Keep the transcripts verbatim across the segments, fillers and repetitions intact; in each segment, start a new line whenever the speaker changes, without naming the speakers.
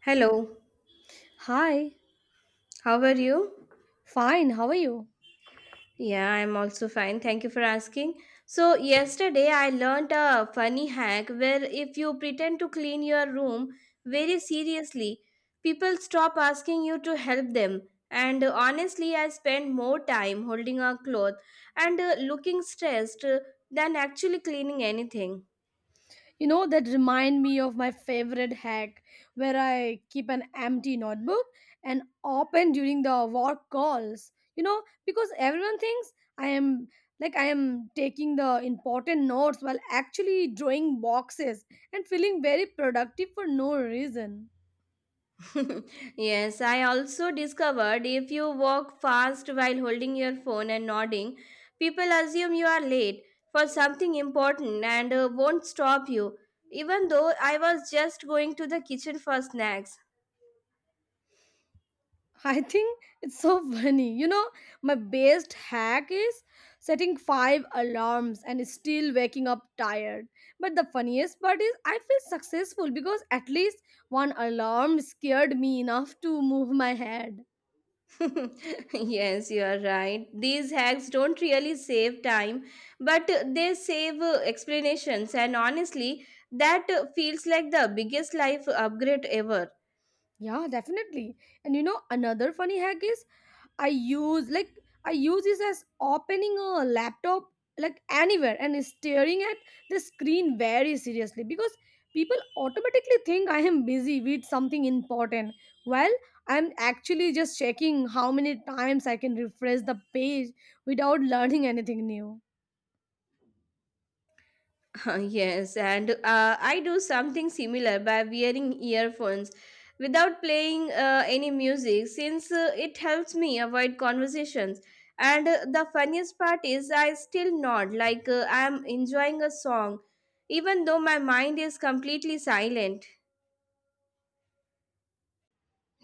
Hello,
Hi,
how are you?
fine, how are you?
Yeah, I'm also fine. Thank you for asking. So, yesterday I learned a funny hack where if you pretend to clean your room very seriously, people stop asking you to help them. And uh, honestly, I spend more time holding a cloth and uh, looking stressed uh, than actually cleaning anything.
You know, that remind me of my favorite hack where I keep an empty notebook and open during the work calls. You know, because everyone thinks I am like I am taking the important notes while actually drawing boxes and feeling very productive for no reason.
yes, I also discovered if you walk fast while holding your phone and nodding, people assume you are late for something important and uh, won't stop you, even though I was just going to the kitchen for snacks.
I think it's so funny. You know, my best hack is setting five alarms and still waking up tired. But the funniest part is I feel successful because at least one alarm scared me enough to move my head.
yes, you are right. These hacks don't really save time, but uh, they save uh, explanations, and honestly, that uh, feels like the biggest life upgrade ever.
Yeah, definitely. And you know, another funny hack is I use like I use this as opening a laptop like anywhere and staring at the screen very seriously because people automatically think I am busy with something important while I'm actually just checking how many times I can refresh the page without learning anything new.
yes, and uh, I do something similar by wearing earphones without playing uh, any music since uh, it helps me avoid conversations. And uh, the funniest part is, I still nod like uh, I'm enjoying a song, even though my mind is completely silent.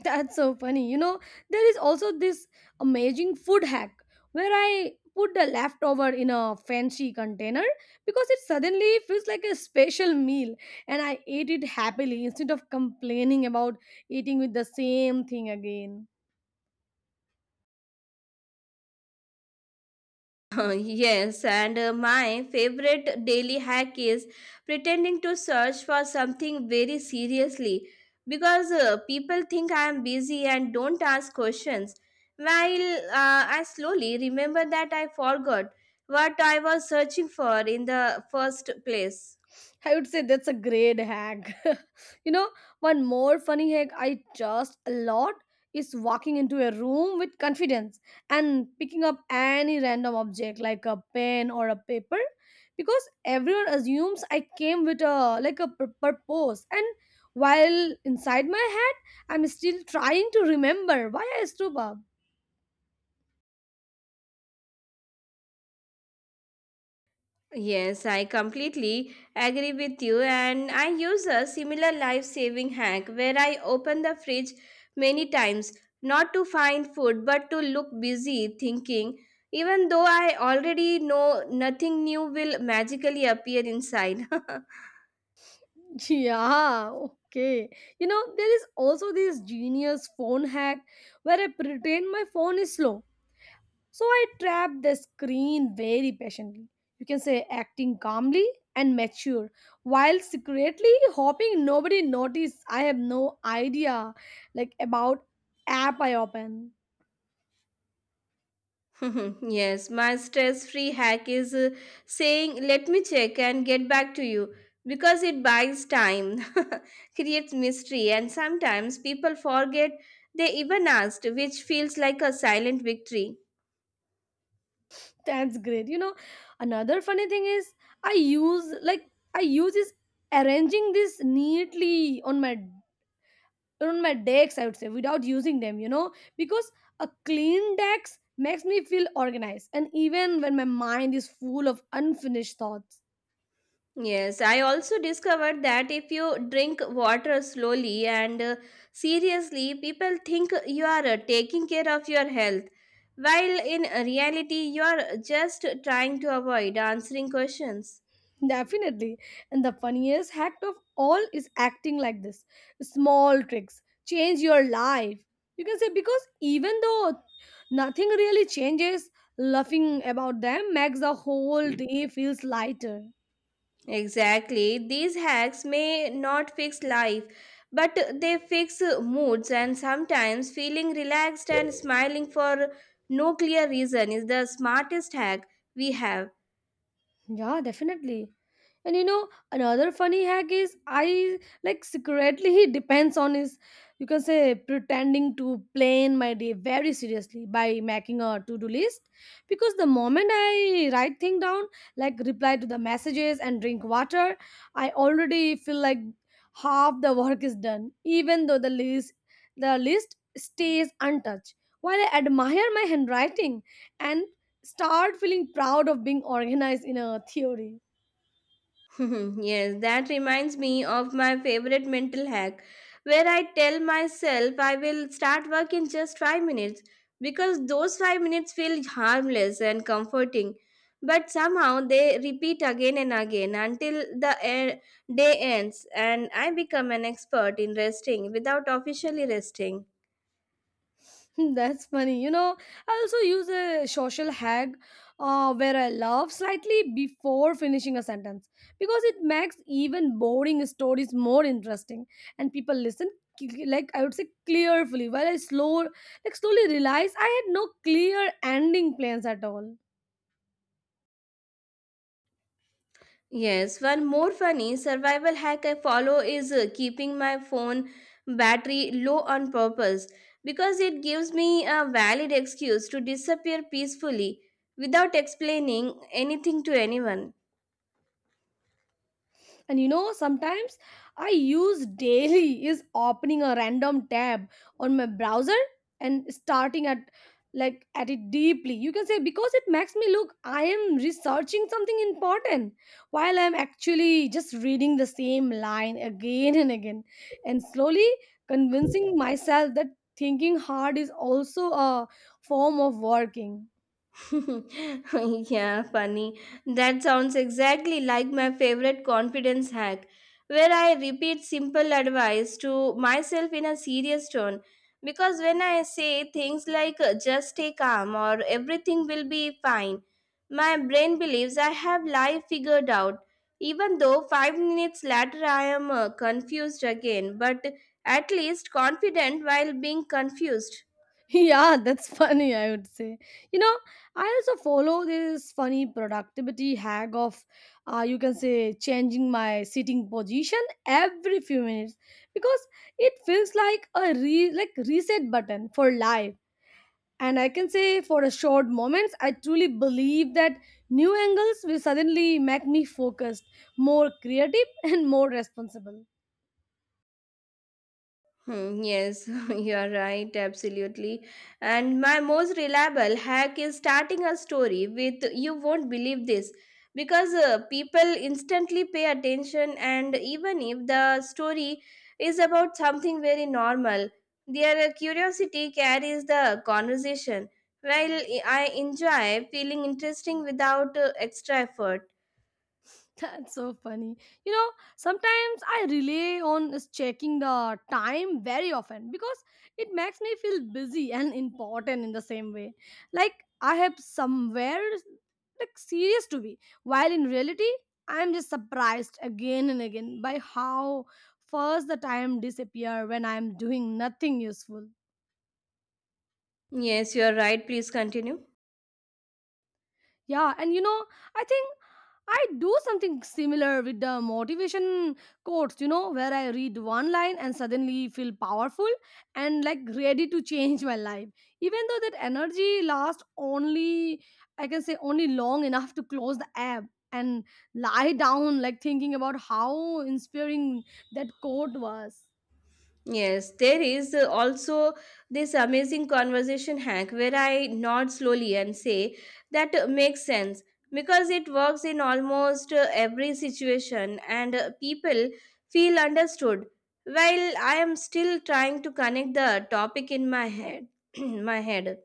That's so funny. You know, there is also this amazing food hack where I put the leftover in a fancy container because it suddenly feels like a special meal and I ate it happily instead of complaining about eating with the same thing again.
yes, and uh, my favorite daily hack is pretending to search for something very seriously because uh, people think I am busy and don't ask questions. While uh, I slowly remember that I forgot what I was searching for in the first place.
I would say that's a great hack. you know, one more funny hack I trust a lot is walking into a room with confidence and picking up any random object like a pen or a paper because everyone assumes I came with a like a pur- purpose and while inside my head I'm still trying to remember why I stood up.
Yes, I completely agree with you. And I use a similar life saving hack where I open the fridge many times, not to find food, but to look busy thinking. Even though I already know nothing new will magically appear inside.
Yeah, okay. You know, there is also this genius phone hack where I pretend my phone is slow, so I trapped the screen very patiently. You can say acting calmly and mature while secretly hoping nobody noticed I have no idea like about app I open.
yes, my stress free hack is uh, saying, let me check and get back to you because it buys time, creates mystery, and sometimes people forget they even asked, which feels like a silent victory.
That's great. You know, another funny thing is I use like I use is arranging this neatly on my on my decks, I would say, without using them you know because a clean decks makes me feel organized and even when my mind is full of unfinished thoughts.
Yes, I also discovered that if you drink water slowly and uh, seriously, people think you are uh, taking care of your health, while in reality, you are just trying to avoid answering questions.
Definitely, and the funniest hack of all is acting like this small tricks change your life, you can say, because even though nothing really changes, laughing about them makes the whole day feels lighter.
Exactly. These hacks may not fix life, but they fix moods, and sometimes feeling relaxed and smiling for no clear reason is the smartest hack we have.
Yeah, definitely. And you know, another funny hack is I like secretly he depends on his, you can say, pretending to plan my day very seriously by making a to-do list because the moment I write thing down, like reply to the messages and drink water, I already feel like half the work is done, even though the list the list stays untouched. While I admire my handwriting and start feeling proud of being organized in a theory.
yes, that reminds me of my favorite mental hack where I tell myself I will start work in just five minutes because those five minutes feel harmless and comforting. But somehow they repeat again and again until the e- day ends, and I become an expert in resting without officially resting.
That's funny. You know, I also use a social hack uh, where I laugh slightly before finishing a sentence because it makes even boring stories more interesting and people listen c- like I would say clearly while I slow like slowly realize I had no clear ending plans at all.
Yes, one more funny survival hack I follow is uh, keeping my phone battery low on purpose because it gives me a valid excuse to disappear peacefully without explaining anything to anyone.
And you know sometimes I use daily is opening a random tab on my browser and starting at like at it deeply, you can say, because it makes me look I am researching something important while I'm actually just reading the same line again and again and slowly convincing myself that thinking hard is also a form of working.
yeah, funny. That sounds exactly like my favorite confidence hack, where I repeat simple advice to myself in a serious tone. Because when I say things like uh, just stay calm or everything will be fine, my brain believes I have life figured out. Even though five minutes later I am uh, confused again, but at least confident while being confused.
Yeah, that's funny, I would say. You know, I also follow this funny productivity hack of, uh, you can say, changing my sitting position every few minutes because it feels like a re- like reset button for life. And I can say for a short moments, I truly believe that new angles will suddenly make me focused, more creative, and more responsible.
Hmm, yes, you are right, absolutely. And my most reliable hack is starting a story with you won't believe this because uh, people instantly pay attention, and even if the story is about something very normal, their curiosity carries the conversation. While I enjoy feeling interesting without uh, extra effort.
That's so funny. You know, sometimes I rely on is checking the time very often because it makes me feel busy and important in the same way. Like I have somewhere like serious to be, while in reality, I'm just surprised again and again by how fast the time disappear when I'm doing nothing useful.
Yes, you are right. Please continue.
Yeah, and you know, I think I do something similar with the motivation quotes, you know, where I read one line and suddenly feel powerful and like ready to change my life. Even though that energy lasts only, I can say, only long enough to close the app and lie down, like thinking about how inspiring that quote was.
Yes, there is uh, also this amazing conversation hack where I nod slowly and say that uh, makes sense because it works in almost uh, every situation and uh, people feel understood while I am still trying to connect the topic in my head. my head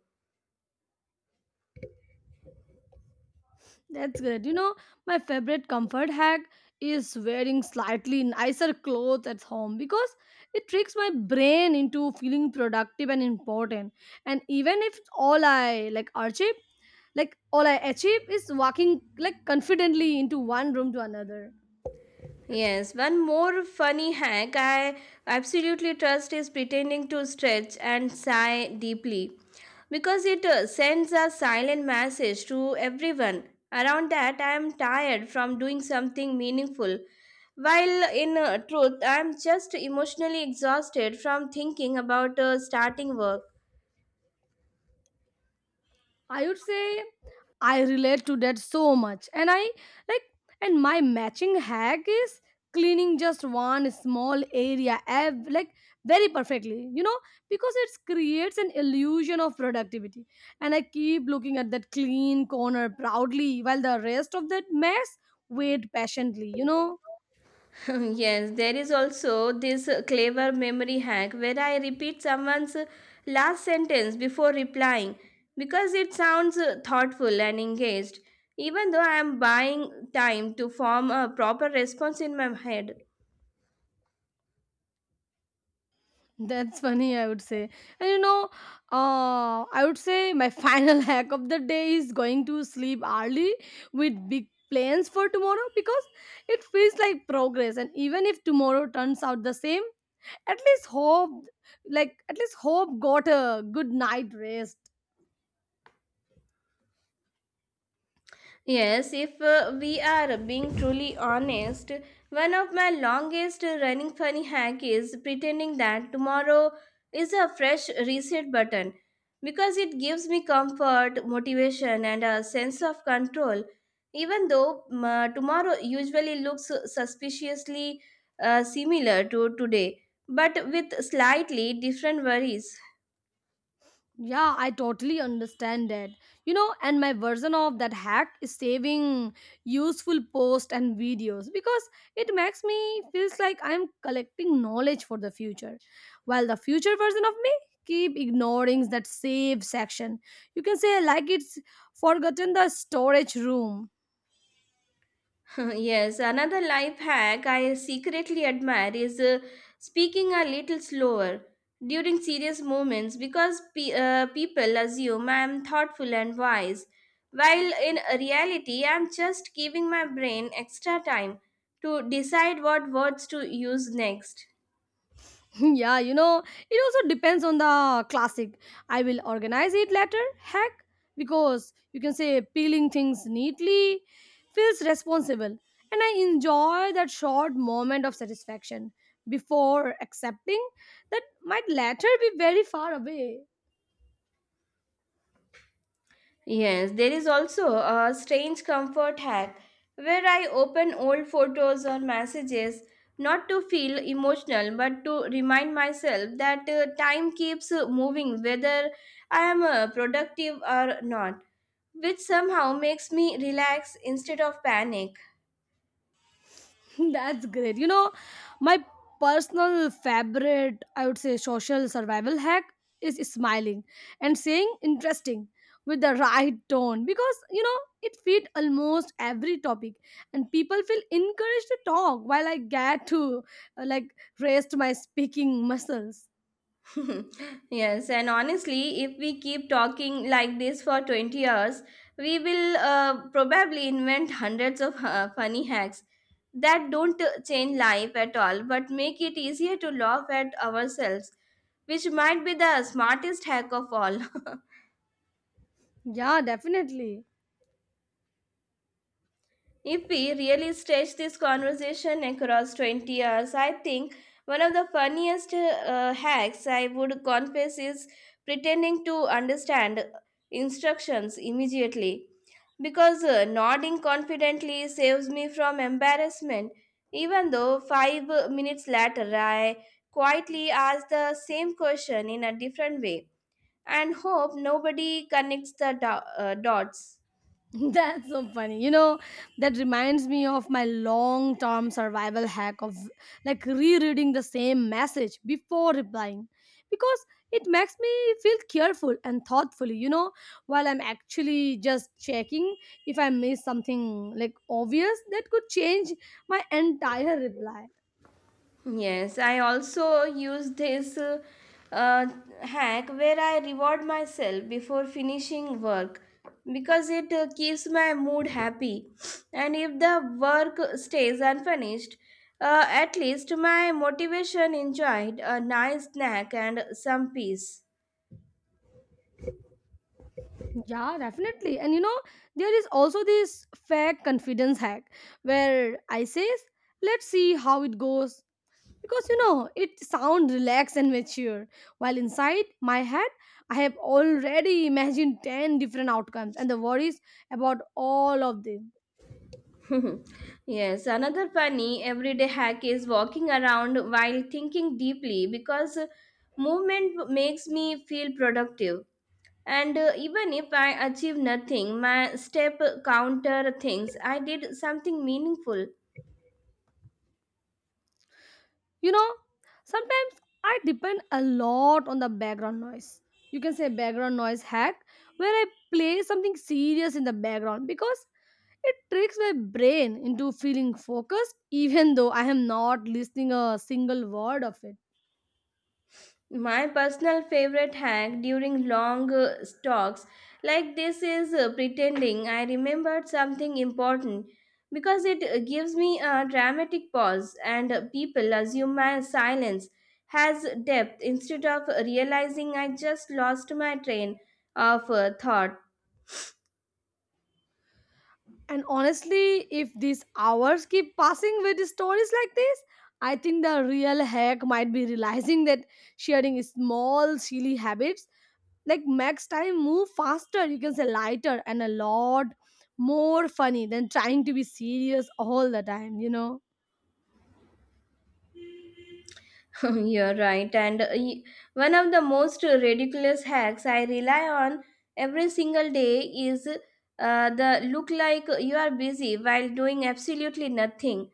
That's great. You know, my favorite comfort hack is wearing slightly nicer clothes at home because it tricks my brain into feeling productive and important. And even if all I like achieve, like all I achieve is walking like confidently into one room to another.
Yes, one more funny hack I absolutely trust is pretending to stretch and sigh deeply because it uh, sends a silent message to everyone around that I am tired from doing something meaningful. While in uh, truth, I am just emotionally exhausted from thinking about uh, starting work.
I would say I relate to that so much. And I like, and my matching hack is cleaning just one small area ev- like very perfectly you know because it creates an illusion of productivity and I keep looking at that clean corner proudly while the rest of that mess wait patiently you know
yes, there is also this uh, clever memory hack where I repeat someone's uh, last sentence before replying because it sounds uh, thoughtful and engaged, even though I am buying time to form a proper response in my head.
That's funny, I would say. And you know, uh, I would say my final hack of the day is going to sleep early with big plans for tomorrow because it feels like progress. And even if tomorrow turns out the same, at least hope, like, at least hope got a good night rest.
Yes, if uh, we are being truly honest, one of my longest running funny hack is pretending that tomorrow is a fresh reset button because it gives me comfort, motivation, and a sense of control. Even though um, uh, tomorrow usually looks suspiciously uh, similar to today, but with slightly different worries.
Yeah, I totally understand that. You know, and my version of that hack is saving useful posts and videos because it makes me feels like I'm collecting knowledge for the future. While the future version of me keep ignoring that save section. You can say like it's forgotten the storage room.
Yes, another life hack I secretly admire is uh, speaking a little slower during serious moments because pe- uh, people assume I am thoughtful and wise, while in reality, I am just giving my brain extra time to decide what words to use next.
Yeah, you know, it also depends on the classic. I will organize it later, heck, because you can say peeling things neatly feels responsible, and I enjoy that short moment of satisfaction before accepting that might later be very far away.
Yes, there is also a strange comfort hack where I open old photos or messages not to feel emotional but to remind myself that uh, time keeps uh, moving whether I am uh, productive or not, which somehow makes me relax instead of panic.
That's great. You know, my personal favorite, I would say, social survival hack is smiling and saying interesting with the right tone because you know it fit almost every topic and people feel encouraged to talk while I get to uh, like rest my speaking muscles.
Yes, and honestly, if we keep talking like this for twenty years, we will uh, probably invent hundreds of uh, funny hacks that don't uh, change life at all but make it easier to laugh at ourselves, which might be the smartest hack of all.
Yeah, definitely.
If we really stretch this conversation across twenty years, I think one of the funniest uh, hacks I would confess is pretending to understand instructions immediately. Because uh, nodding confidently saves me from embarrassment, even though five minutes later I quietly ask the same question in a different way and hope nobody connects the do- uh, dots.
That's so funny. You know, that reminds me of my long term survival hack of like rereading the same message before replying because it makes me feel careful and thoughtfully, you know, while I'm actually just checking if I miss something like obvious that could change my entire reply.
Yes, I also use this uh, uh, hack where I reward myself before finishing work because it uh, keeps my mood happy. And if the work stays unfinished, uh, at least my motivation enjoyed a nice snack and some peace.
Yeah, definitely. And you know, there is also this fake confidence hack where I says, let's see how it goes because you know it sounds relaxed and mature while inside my head I have already imagined ten different outcomes and the worries about all of them.
yes, another funny everyday hack is walking around while thinking deeply because movement makes me feel productive. And uh, even if I achieve nothing, my step counter things I did something meaningful.
you know Sometimes I depend a lot on the background noise, you can say background noise hack, where I play something serious in the background because it tricks my brain into feeling focused even though I am not listening a single word of it.
My personal favorite hack during long uh, talks like this is uh, pretending I remembered something important because it uh, gives me a dramatic pause and uh, people assume my silence has depth instead of realizing I just lost my train of uh, thought.
And honestly, if these hours keep passing with stories like this, I think the real hack might be realizing that sharing small, silly habits like makes time move faster, you can say lighter, and a lot more funny than trying to be serious all the time, you know?
You're right. And uh, y- one of the most ridiculous hacks I rely on every single day is uh, the look like you are busy while doing absolutely nothing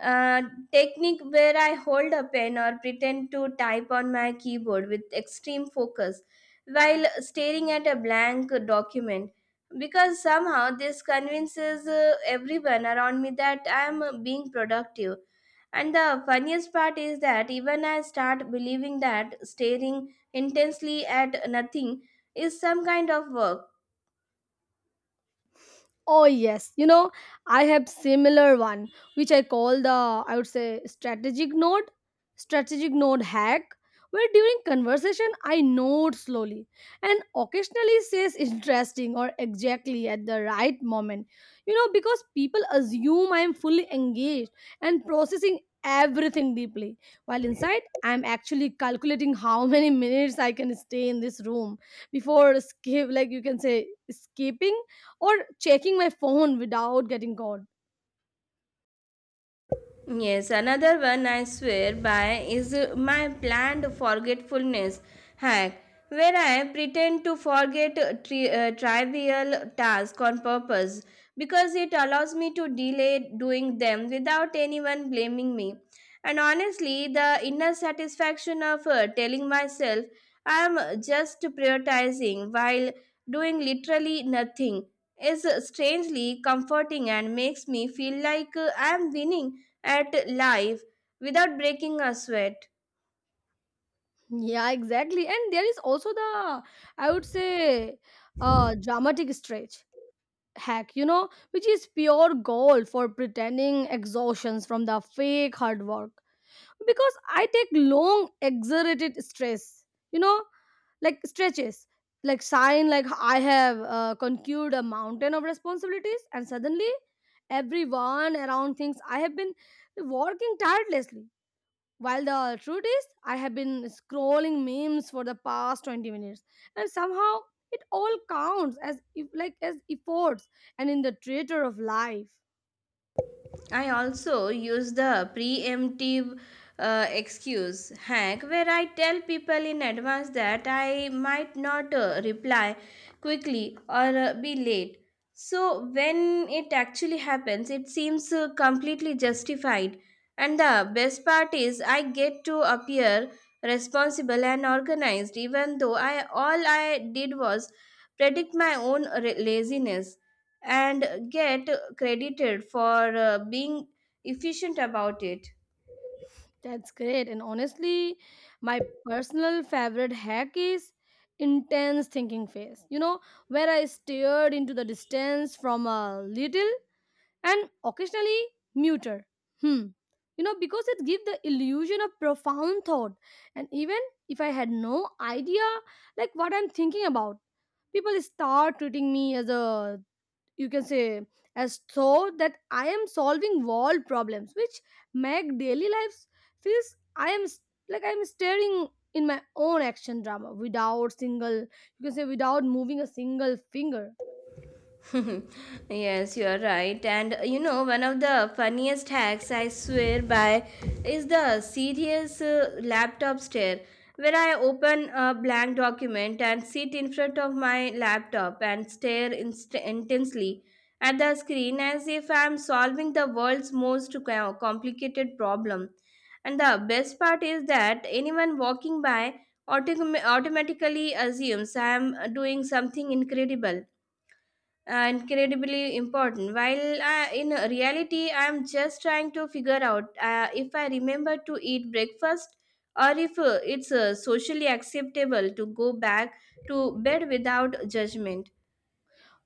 uh, technique where I hold a pen or pretend to type on my keyboard with extreme focus while staring at a blank document. Because somehow this convinces uh, everyone around me that I am uh, being productive and the funniest part is that even I start believing that staring intensely at nothing is some kind of work.
Oh yes, you know, I have similar one which I call the, I would say, strategic node, strategic node hack, where during conversation I note slowly and occasionally says interesting or exactly at the right moment. You know, because people assume I am fully engaged and processing everything deeply while inside I'm actually calculating how many minutes I can stay in this room before skip like you can say escaping or checking my phone without getting caught.
Yes, another one I swear by is uh, my planned forgetfulness hack, where I pretend to forget a tri- uh, trivial tasks on purpose because it allows me to delay doing them without anyone blaming me. And honestly, the inner satisfaction of uh, telling myself I am just prioritizing while doing literally nothing is uh, strangely comforting and makes me feel like uh, I am winning at live without breaking a sweat.
Yeah, exactly. And there is also the, I would say, uh, dramatic stretch hack, you know, which is pure gold for pretending exhaustions from the fake hard work. Because I take long, exerted stress, you know, like stretches, like sign, like I have uh, conquered a mountain of responsibilities, and suddenly everyone around thinks I have been working tirelessly. While the truth is, I have been scrolling memes for the past twenty minutes, and somehow it all counts as if like as efforts and in the theater of life.
I also use the preemptive uh, excuse hack where I tell people in advance that I might not uh, reply quickly or uh, be late. So when it actually happens, it seems uh, completely justified. And the best part is, I get to appear responsible and organized, even though I all I did was predict my own re- laziness, and get credited for uh, being efficient about it.
That's great. And honestly, my personal favorite hack is intense thinking phase. You know, where I stared into the distance from a little and occasionally muter. Hmm. You know, because it gives the illusion of profound thought. And even if I had no idea like what I'm thinking about, people start treating me as a, you can say, as though that I am solving world problems, which make daily lives feels I am s- like I'm staring in my own action drama without single, you can say, without moving a single finger.
yes, you are right. And uh, you know, one of the funniest hacks I swear by is the serious uh, laptop stare, where I open a blank document and sit in front of my laptop and stare inst- intensely at the screen as if I'm solving the world's most co- complicated problem. And the best part is that anyone walking by autom- automatically assumes I'm doing something incredible incredibly important. While I, in reality, I'm just trying to figure out uh, if I remember to eat breakfast or if uh, it's uh, socially acceptable to go back to bed without judgment.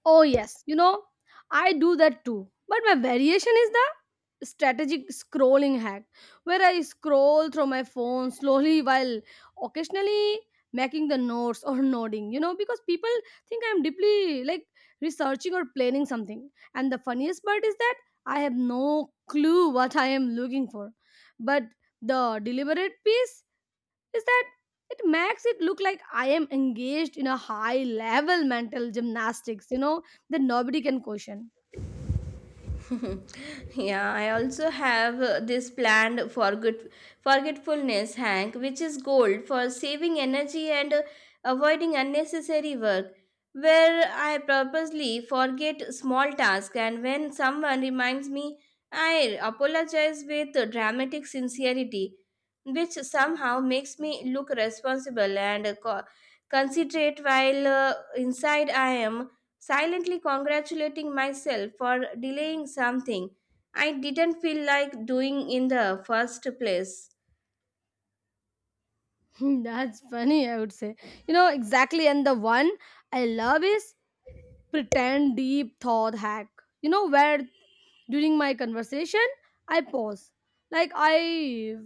Oh, yes. You know, I do that too. But my variation is the strategic scrolling hack, where I scroll through my phone slowly while occasionally making the notes or nodding, you know, because people think I'm deeply like researching or planning something. And the funniest part is that I have no clue what I am looking for. But the deliberate piece is that it makes it look like I am engaged in a high level mental gymnastics, you know, that nobody can question.
yeah, I also have uh, this planned forget forgetfulness hack, which is gold for saving energy and uh, avoiding unnecessary work. Where I purposely forget small tasks, and when someone reminds me, I apologize with dramatic sincerity, which somehow makes me look responsible and uh, co- considerate. While uh, inside, I am silently congratulating myself for delaying something I didn't feel like doing in the first place.
That's funny, I would say. You know, exactly. And the one I love is pretend deep thought hack. You know, where during my conversation, I pause. Like I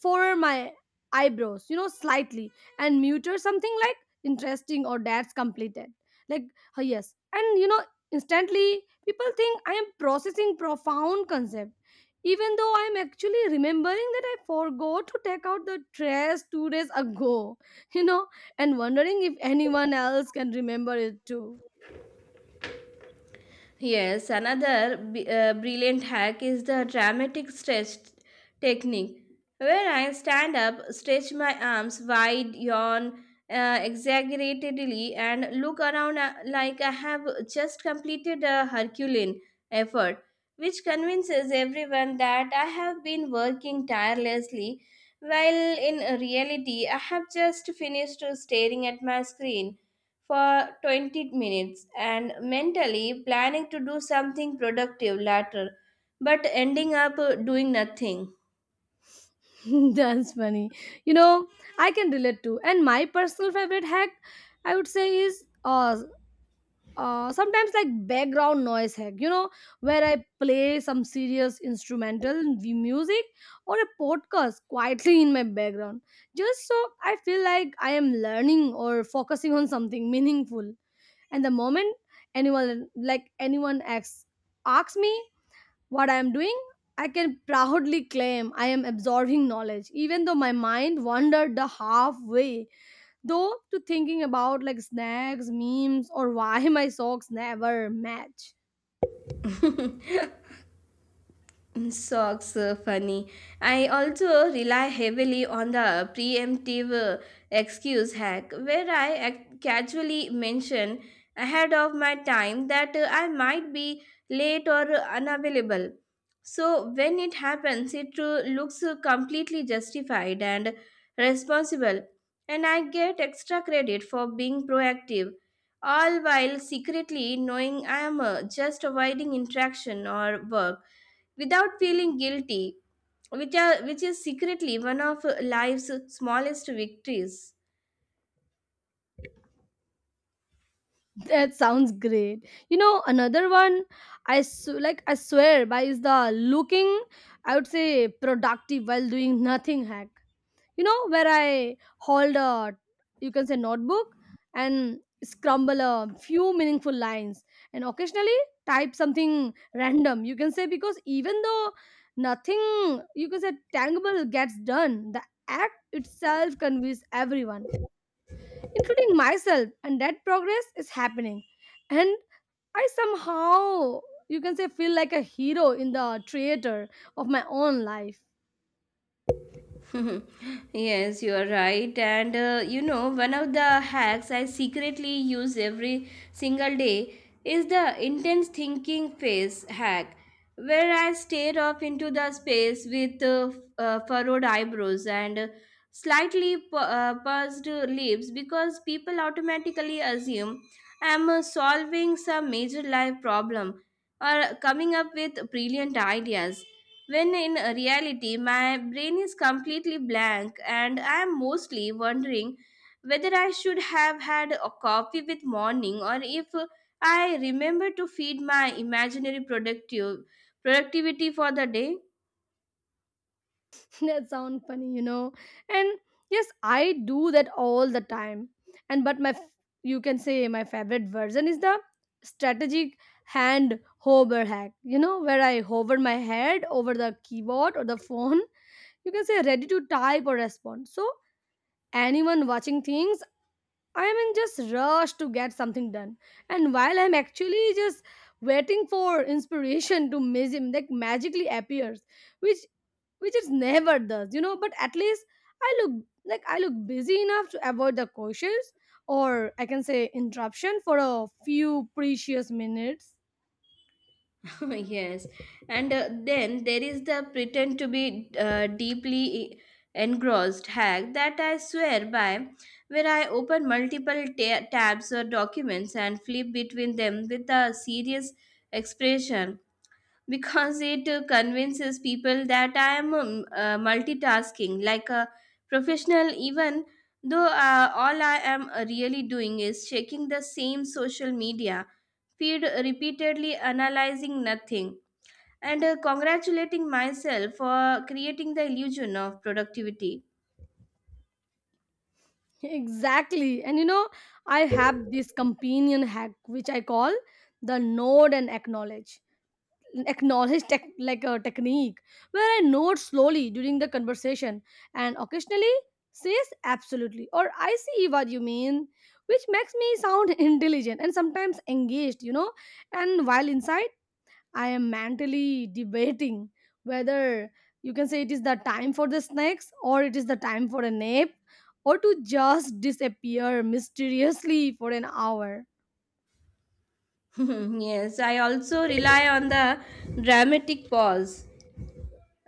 furrow my eyebrows, you know, slightly and mutter something like interesting or that's completed. Like, "Huh, yes." And, you know, instantly people think I am processing profound concept. Even though I'm actually remembering that I forgot to take out the trash two days ago, you know, and wondering if anyone else can remember it too.
Yes, another b- uh, brilliant hack is the dramatic stretch technique, where I stand up, stretch my arms wide, yawn uh, exaggeratedly, and look around uh, like I have just completed a Herculean effort, which convinces everyone that I have been working tirelessly, while in reality, I have just finished staring at my screen for twenty minutes and mentally planning to do something productive later but ending up uh, doing nothing.
That's funny. You know, I can relate to. And my personal favorite hack, I would say, is uh, uh sometimes like background noise hack. You know, where I play some serious instrumental v- music or a podcast quietly in my background, just so I feel like I am learning or focusing on something meaningful. And the moment anyone like anyone asks asks me what I am doing, I can proudly claim I am absorbing knowledge, even though my mind wandered the halfway. Though to thinking about like snacks, memes, or why my socks never match.
Mm, socks, uh, funny. I also rely heavily on the preemptive uh, excuse hack, where I ac- casually mention ahead of my time that uh, I might be late or uh, unavailable. So when it happens, it uh, looks uh, completely justified and responsible, and I get extra credit for being proactive, all while secretly knowing I am uh, just avoiding interaction or work without feeling guilty, which, are, which is secretly one of life's smallest victories.
That sounds great. You know, another one I sw- like I swear by is the looking I would say productive while doing nothing hack. You know, where I hauled a you can say notebook and scramble a few meaningful lines and occasionally type something random you can say because even though nothing you can say tangible gets done, the act itself conveys everyone including myself and that progress is happening, and I somehow you can say feel like a hero in the theater of my own life.
Yes, you are right. And uh, you know, one of the hacks I secretly use every single day is the intense thinking phase hack, where I stare off into the space with uh, f- uh, furrowed eyebrows and uh, slightly pu- uh, pursed lips because people automatically assume I'm uh, solving some major life problem or coming up with brilliant ideas when in reality, my brain is completely blank and I am mostly wondering whether I should have had a coffee with morning or if I remember to feed my imaginary productive productivity for the day.
That sound funny, you know. And yes, I do that all the time. And but my f- you can say my favorite version is the strategic hand hover hack, you know, where I hover my head over the keyboard or the phone you can say ready to type or respond so anyone watching thinks I am in just rush to get something done. And while I'm actually just waiting for inspiration to magic like magically appears, which which it never does, you know, but at least I look like I look busy enough to avoid the questions or I can say interruption for a few precious minutes.
yes and uh, then there is the pretend to be uh, deeply e, engrossed hack that I swear by where I open multiple ta- tabs or documents and flip between them with a serious expression. Because it uh, convinces people that I am um, uh, multitasking like a professional even though uh, all I am uh, really doing is checking the same social media feed repeatedly analyzing nothing and uh, congratulating myself for creating the illusion of productivity.
Exactly. And you know, I have this companion hack which I call the nod and acknowledge. Acknowledge tech, like a technique, where I note slowly during the conversation and occasionally says absolutely or I see what you mean, which makes me sound intelligent and sometimes engaged, you know. And while inside, I am mentally debating whether you can say it is the time for the snacks or it is the time for a nap or to just disappear mysteriously for an hour.
yes, I also rely on the dramatic pause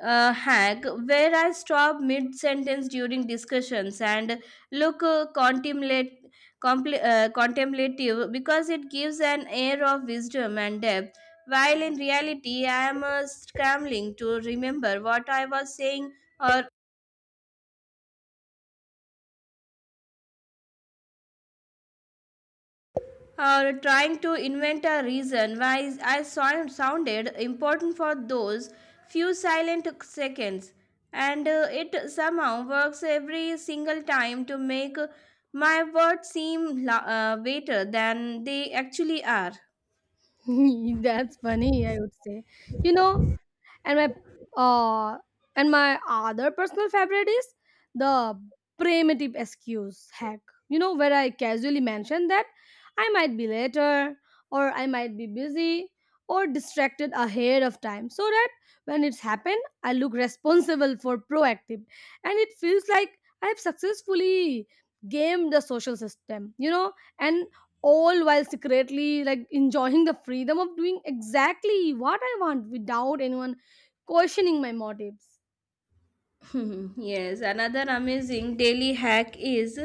uh, hack where I stop mid sentence during discussions and look uh, contemplate, compl- uh, contemplative because it gives an air of wisdom and depth. While in reality, I am uh, scrambling to remember what I was saying or uh, trying to invent a reason why I sound, sounded important for those few silent seconds. And uh, it somehow works every single time to make my words seem la- uh, better than they actually are.
That's funny, I would say. You know, and my uh and my other personal favorite is the primitive excuse hack, you know, where I casually mention that I might be later or I might be busy or distracted ahead of time so that when it's happened I look responsible for proactive, and it feels like I have successfully gamed the social system, you know, and all while secretly like enjoying the freedom of doing exactly what I want without anyone questioning my motives.
Hmm, yes, another amazing daily hack is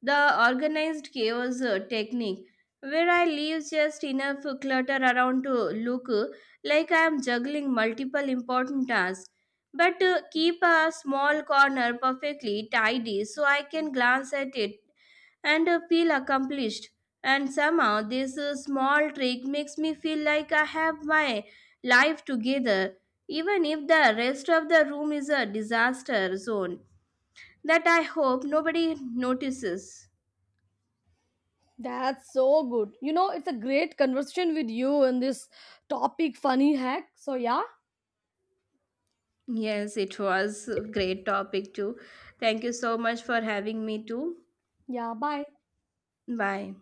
the organized chaos uh, technique, where I leave just enough clutter around to look uh, like I am juggling multiple important tasks, but uh, keep a small corner perfectly tidy so I can glance at it and uh, feel accomplished. And somehow, this uh, small trick makes me feel like I have my life together, even if the rest of the room is a disaster zone that I hope nobody notices.
That's so good. You know, it's a great conversation with you on this topic, funny hack. So, yeah,
Yes, it was a great topic too. Thank you so much for having me too.
yeah, bye.
Bye.